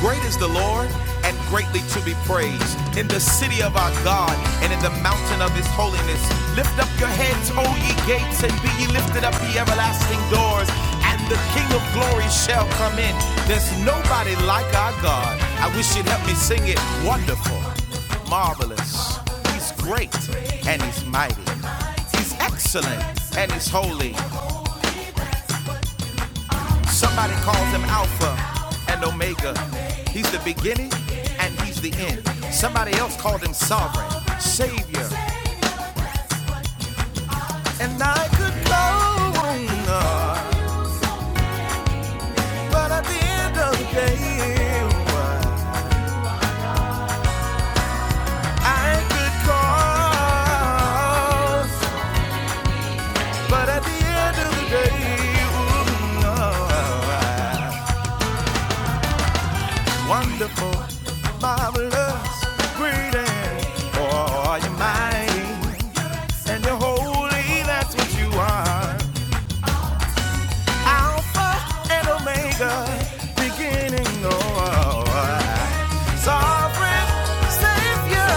Great is the Lord and greatly to be praised in the city of our God and in the mountain of his holiness. Lift up your heads, O ye gates, and be ye lifted up, ye everlasting doors, and the King of glory shall come in. There's nobody like our God. I wish you'd help me sing it. Wonderful, marvelous. He's great and he's mighty. He's excellent and he's holy. Somebody calls him Alpha and Omega. He's the beginning and he's the end. Somebody else called him Sovereign, Savior, and I could go on. uh, But at the end of the day, uh, I could cause. But at the end of the day, ooh, wonderful, marvelous, great, and oh, you're mighty. and you're holy, that's what you are. Alpha and Omega, beginning of sovereign Savior.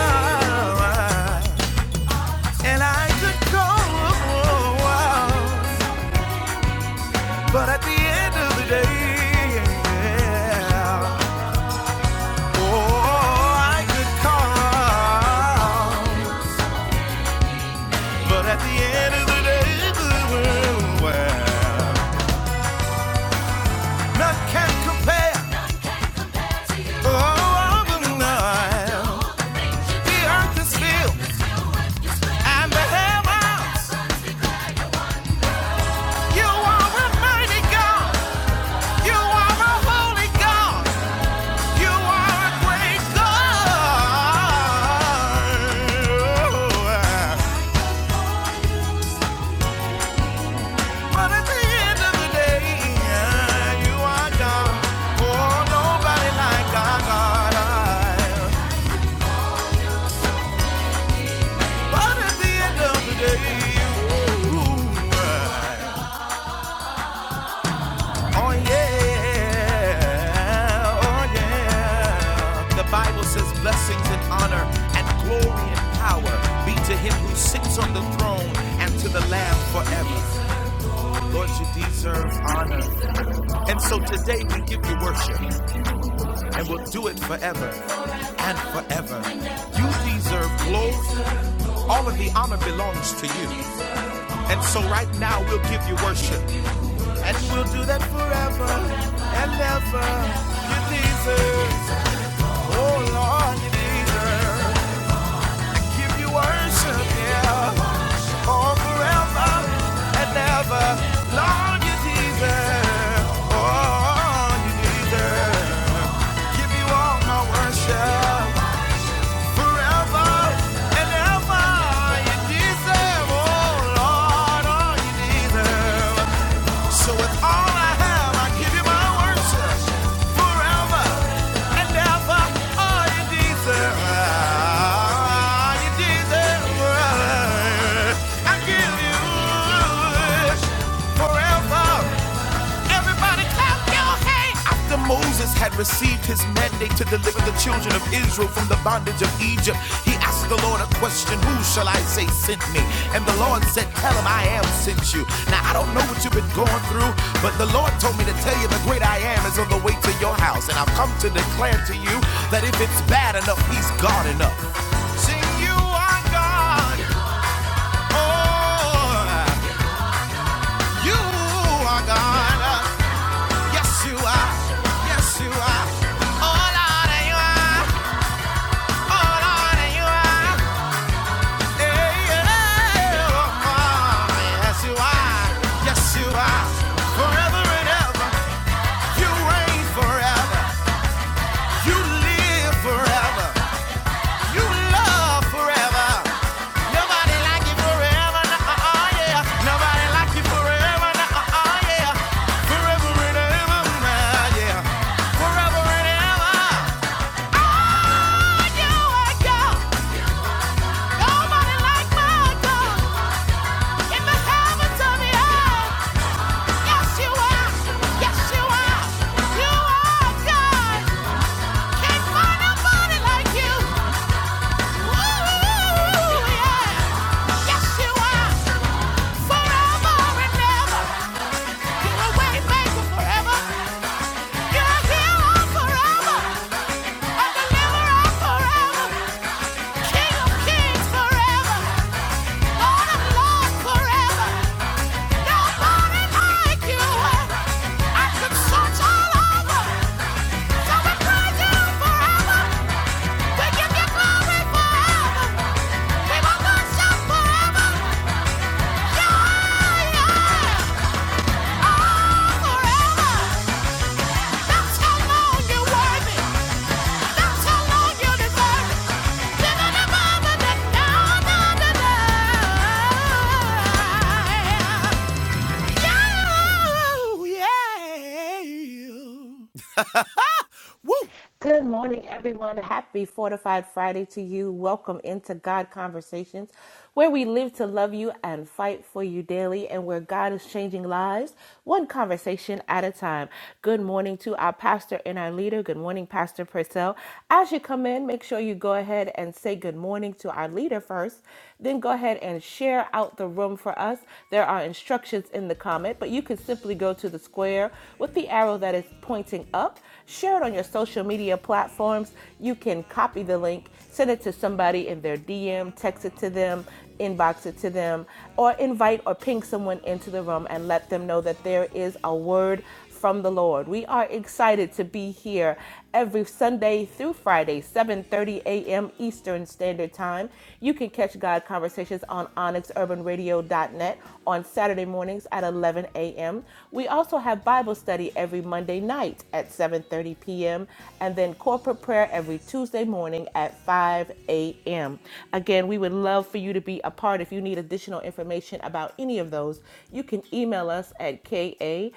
And I could go on, but at the end of the day, yeah. oh, I could call, but at the end of the day, well, none can compare. Oh, the earth is filled and the heavens. You are a mighty God. You are a holy God. You are a great God. But at the end of the day, you are God. Oh, nobody like our God. But at the end of the day, you. Oh yeah, oh yeah. The Bible says blessings and honor and glory and power be to him who sits on the throne and to the Lamb forever. Lord, you deserve honor. And so today we give you worship and we'll do it forever and forever. You deserve glory. All of the honor belongs to you. And so right now we'll give you worship. And we'll do that forever and ever. You deserve, oh Lord, you deserve. Give you worship, yeah. Oh, forever and ever. Lord, you deserve, oh, you deserve. Give you all my worship. Forever and ever. You deserve, oh Lord, oh, you deserve. So with all I have, I give you my worship forever and ever. All you deserve, all you deserve, I give you forever. Everybody clap your hands. After Moses had received his mandate to deliver the children of Israel from the bondage of Egypt, he asked the Lord a question Who shall I say sent me? And the Lord said, Tell him I am sent you. Now, I don't know what you've been going through, but the Lord told me to tell you the great I am is on the way to your house. And I've come to declare to you that if it's bad enough, he's God enough. Sing you are God. Oh, you are God. Yes, you are. Yes, you are. Oh, Lord, you are. Oh, Lord, you are. Hey, yeah. Oh, oh, yes, you are. Yes, you are. Forever and ever. You reign forever. You live forever. You love forever. Nobody like you forever. No, oh, yeah. Nobody like you forever. No, oh, yeah. Forever and ever. Yeah. Forever and ever. Forever, a deliverer forever, King of kings forever. Yeah. Oh, yeah. Woo! Good morning, everyone. Happy Fortified Friday to you. Welcome into God Conversations, where we live to love you and fight for you daily, and where God is changing lives one conversation at a time. Good morning to our pastor and our leader. Good morning, Pastor Purcell. As you come in, make sure you go ahead and say good morning to our leader first, then go ahead and share out the room for us. There are instructions in the comment, but you can simply go to the square prayer with the arrow that is pointing up. Share it on your social media platforms. You can copy the link, send it to somebody in their DM, text it to them, inbox it to them, or invite or ping someone into the room and let them know that there is a word from the Lord. We are excited to be here every Sunday through Friday, 7:30 a.m. Eastern Standard Time. You can catch God Conversations on onyxurbanradio.net on Saturday mornings at 11 a.m. We also have Bible study every Monday night at 7:30 p.m. and then corporate prayer every Tuesday morning at 5 a.m. Again, we would love for you to be a part. If you need additional information about any of those, you can email us at ka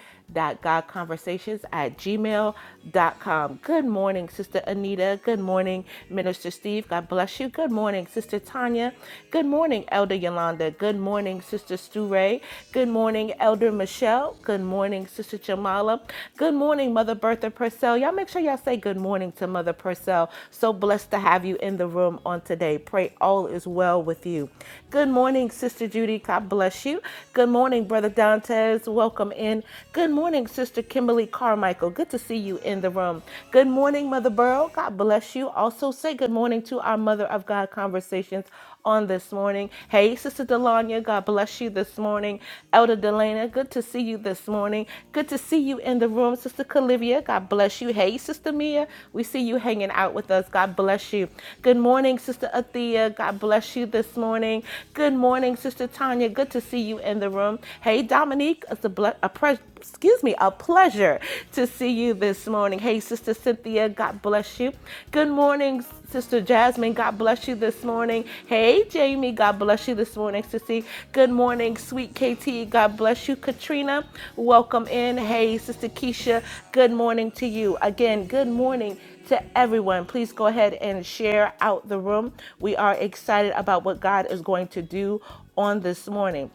Conversations at gmail dot com. Good morning, Sister Anita. Good morning, Minister Steve. God bless you. Good morning, Sister Tanya. Good morning, Elder Yolanda. Good morning, Sister Stu Ray. Good morning, Elder Michelle. Good morning, Sister Jamala. Good morning, Mother Bertha Purcell. Y'all make sure y'all say good morning to Mother Purcell. So blessed to have you in the room on today. Pray all is well with you. Good morning, Sister Judy. God bless you. Good morning, Brother Dantes welcome in. Good morning, Sister Kimberly Carmichael. Good to see you in the room. Good morning, Mother Burrow. God bless you. Also, say good morning to our Mother of God conversations on this morning. Hey, Sister Delanya, God bless you this morning. Elder Delana, good to see you this morning. Good to see you in the room, Sister Calivia. God bless you. Hey, Sister Mia, we see you hanging out with us. God bless you. Good morning, Sister Athea. God bless you this morning. Good morning, Sister Tanya. Good to see you in the room. Hey, Dominique, it's a, ble- a pre- excuse me, a pleasure to see you this morning. Hey, Sister Cynthia, God bless you. Good morning, Sister Jasmine. God bless you this morning. Hey, Jamie, God bless you this morning, Sissy. Good morning, sweet KT. God bless you, Katrina. Welcome in. Hey, Sister Keisha, good morning to you. Again, good morning to everyone. Please go ahead and share out the room. We are excited about what God is going to do on this morning.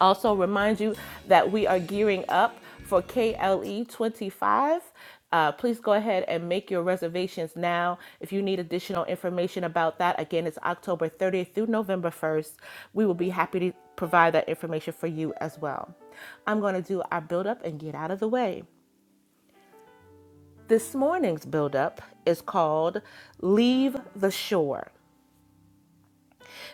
Also, remind you that we are gearing up for KLE 25. Uh, please go ahead and make your reservations now. If you need additional information about that, again, it's October 30th through November 1st. We will be happy to provide that information for you as well. I'm going to do our build up and get out of the way. This morning's build up is called Leave the Shore.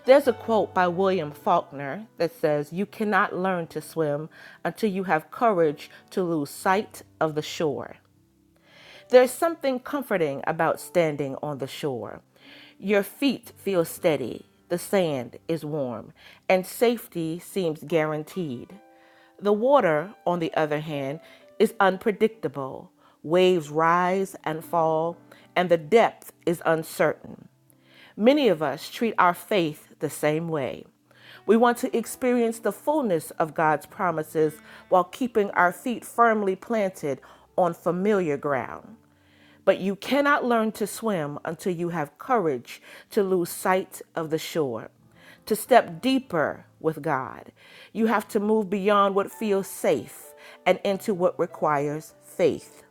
There's a quote by William Faulkner that says, You cannot learn to swim until you have courage to lose sight of the shore. There's something comforting about standing on the shore. Your feet feel steady, the sand is warm, and safety seems guaranteed. The water, on the other hand, is unpredictable. Waves rise and fall, and the depth is uncertain. Many of us treat our faith the same way. We want to experience the fullness of God's promises while keeping our feet firmly planted on familiar ground. But you cannot learn to swim until you have courage to lose sight of the shore, to step deeper with God. You have to move beyond what feels safe and into what requires faith.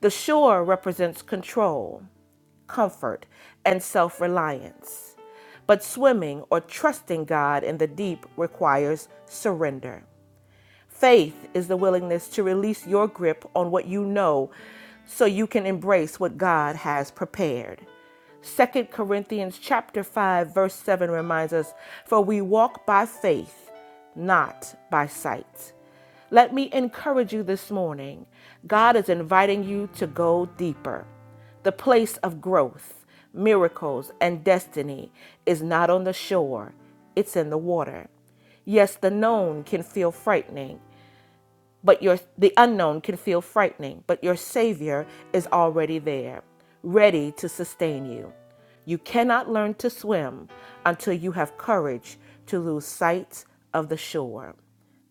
The shore represents control, comfort, and self reliance. But swimming or trusting God in the deep requires surrender. Faith is the willingness to release your grip on what you know so you can embrace what God has prepared. Second Corinthians chapter 5 verse 7 reminds us, "For we walk by faith, not by sight." Let me encourage you this morning. God is inviting you to go deeper. The place of growth, miracles, and destiny is not on the shore, it's in the water. Yes, the known can feel frightening, but your the unknown can feel frightening, but your savior is already there, ready to sustain you. You cannot learn to swim until you have courage to lose sight of the shore.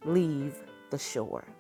Leave the shore.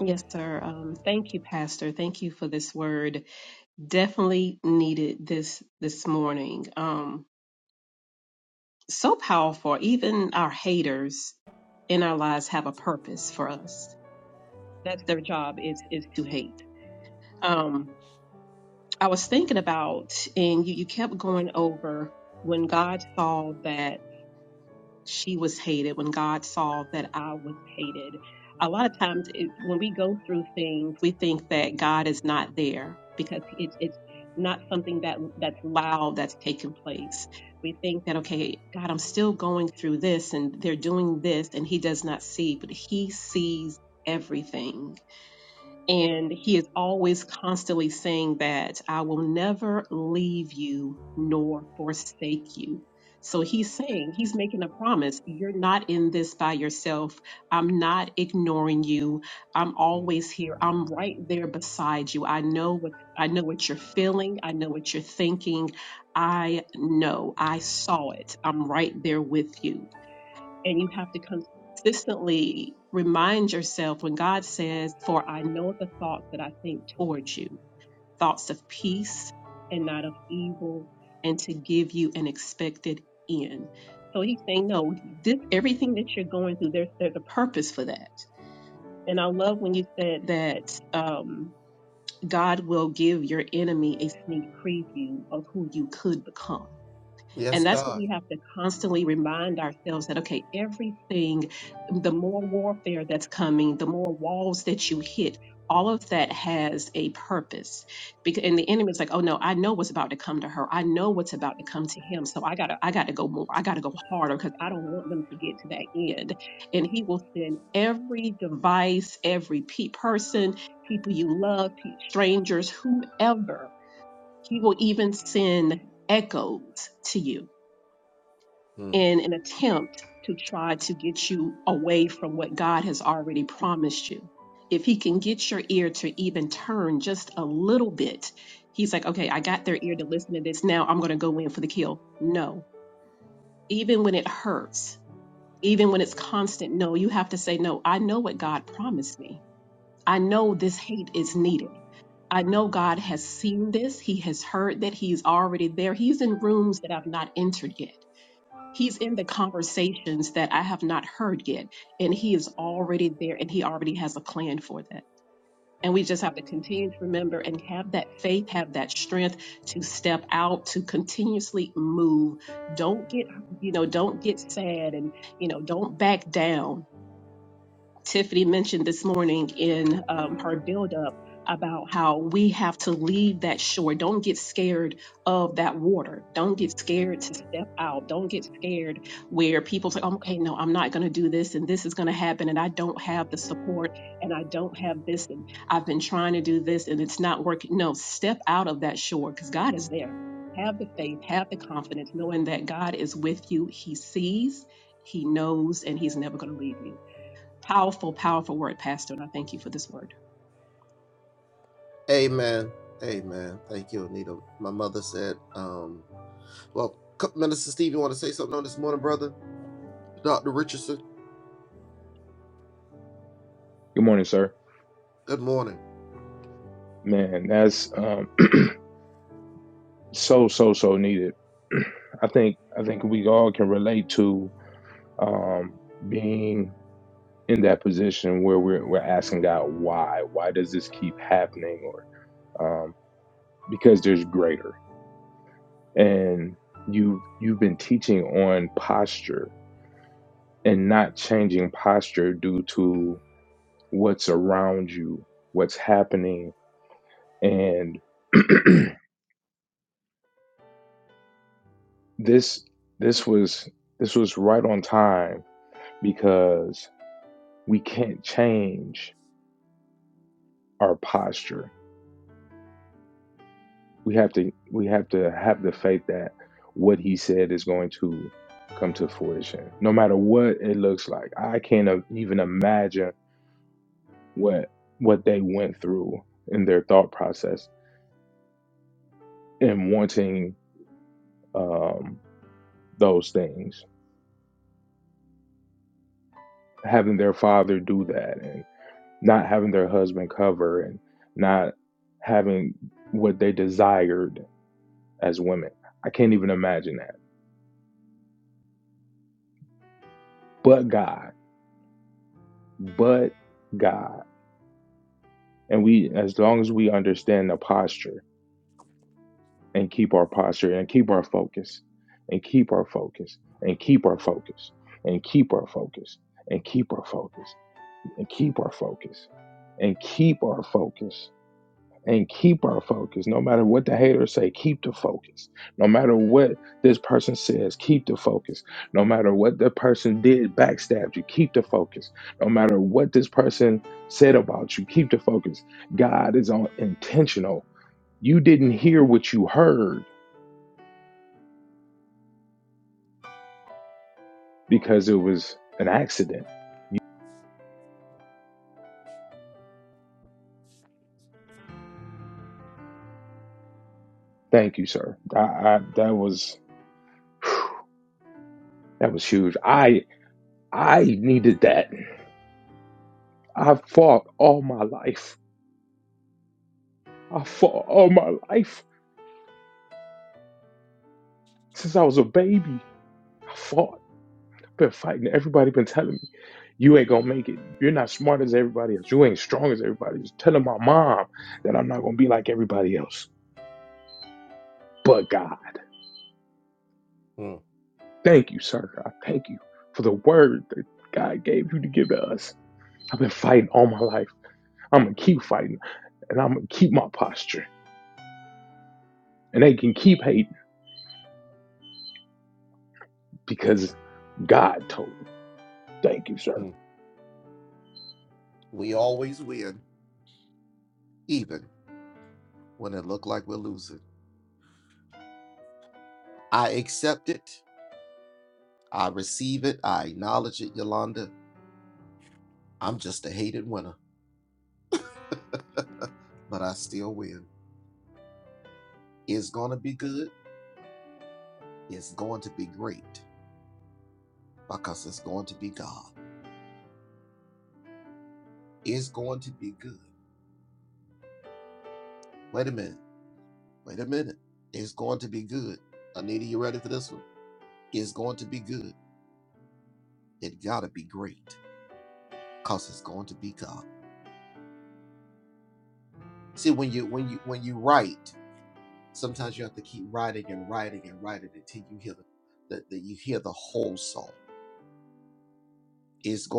Yes, sir. Um, thank you, Pastor. Thank you for this word. Definitely needed this this morning. Um, so powerful. Even our haters in our lives have a purpose for us. That's their job is is to hate. Um, I was thinking about, and you, you kept going over when God saw that. she was hated, when God saw that I was hated. A lot of times, it, when we go through things, we think that God is not there because it's it's not something that that's loud that's taken place. We think that okay, God, I'm still going through this, and they're doing this, and He does not see, but He sees everything and he is always constantly saying that I will never leave you nor forsake you. So he's saying, he's making a promise. You're not in this by yourself. I'm not ignoring you. I'm always here. I'm right there beside you. I know what I know what you're feeling. I know what you're thinking. I know. I saw it. I'm right there with you and you have to consistently remind yourself when God says, For I know the thoughts that I think towards you, thoughts of peace and not of evil, and to give you an expected end. So he's saying, No, this everything that you're going through, there's there's a purpose for that. And I love when you said that um, God will give your enemy a sneak preview of who you could become and that's what we have to constantly remind ourselves that, okay, everything, the more warfare that's coming, the more walls that you hit, all of that has a purpose. Because and the enemy is like, oh no, I know what's about to come to her. I know what's about to come to him. So I gotta, I gotta go more. I gotta go harder because I don't want them to get to that end. And he will send every device, every pe- person, people you love, pe- strangers, whomever. He will even send echoes to you in an attempt to try to get you away from what God has already promised you. If he can get your ear to even turn just a little bit, he's like, okay, I got their ear to listen to this. Now I'm going to go in for the kill. No, even when it hurts, even when it's constant, no, you have to say, no, I know what God promised me. I know this hate is needed. I know God has seen this. He has heard that. He's already there. He's in rooms that I've not entered yet. He's in the conversations that I have not heard yet, and he is already there and he already has a plan for that. And we just have to continue to remember and have that faith, have that strength to step out, to continuously move. Don't get, you know, don't get sad and, you know, don't back down Tiffany mentioned this morning in um, her buildup about how we have to leave that shore. Don't get scared of that water. Don't get scared to step out. Don't get scared where people say, "Oh, okay, no, I'm not going to do this and this is going to happen and I don't have the support and I don't have this and I've been trying to do this and it's not working. No, step out of that shore because God is there. Have the faith, have the confidence, knowing that God is with you. He sees, He knows, and He's never going to leave you. Powerful, powerful word, Pastor, and I thank you for this word. Good morning, sir. Man, that's um, so so so needed. I think I think we all can relate to um, being in that position where we're we're asking God why why does this keep happening or um, because there's greater and you you've been teaching on posture and not changing posture due to what's around you what's happening and this this was this was right on time because we can't change our posture. We have to we have to have the faith that what he said is going to come to fruition, no matter what it looks like. I can't uh, even imagine what what they went through in their thought process and wanting um, those things, having their father do that, not having their husband cover and not having what they desired as women. I can't even imagine that. But God, but God. And we, as long as we understand the posture and keep our posture and keep our focus and keep our focus and keep our focus and keep our focus and keep our focus and keep our focus and keep our focus and keep our focus. No matter what the haters say, keep the focus. No matter what this person says, keep the focus. No matter what the person did, backstabbed you, keep the focus. No matter what this person said about you, keep the focus. God is on intentional. You didn't hear what you heard because it was an accident. You, thank you, sir. I, I, that was that was huge. I I needed that. I fought all my life. I fought all my life Since I was a baby, I fought. I've been fighting. Everybody been telling me, you ain't gonna make it. You're not smart as everybody else. You ain't strong as everybody else. Telling my mom that I'm not gonna be like everybody else. But God, thank you, sir. I thank you for the word that God gave you to give to us. I've been fighting all my life. I'm gonna keep fighting and I'm gonna keep my posture. And they can keep hating because God told me. Thank you, sir.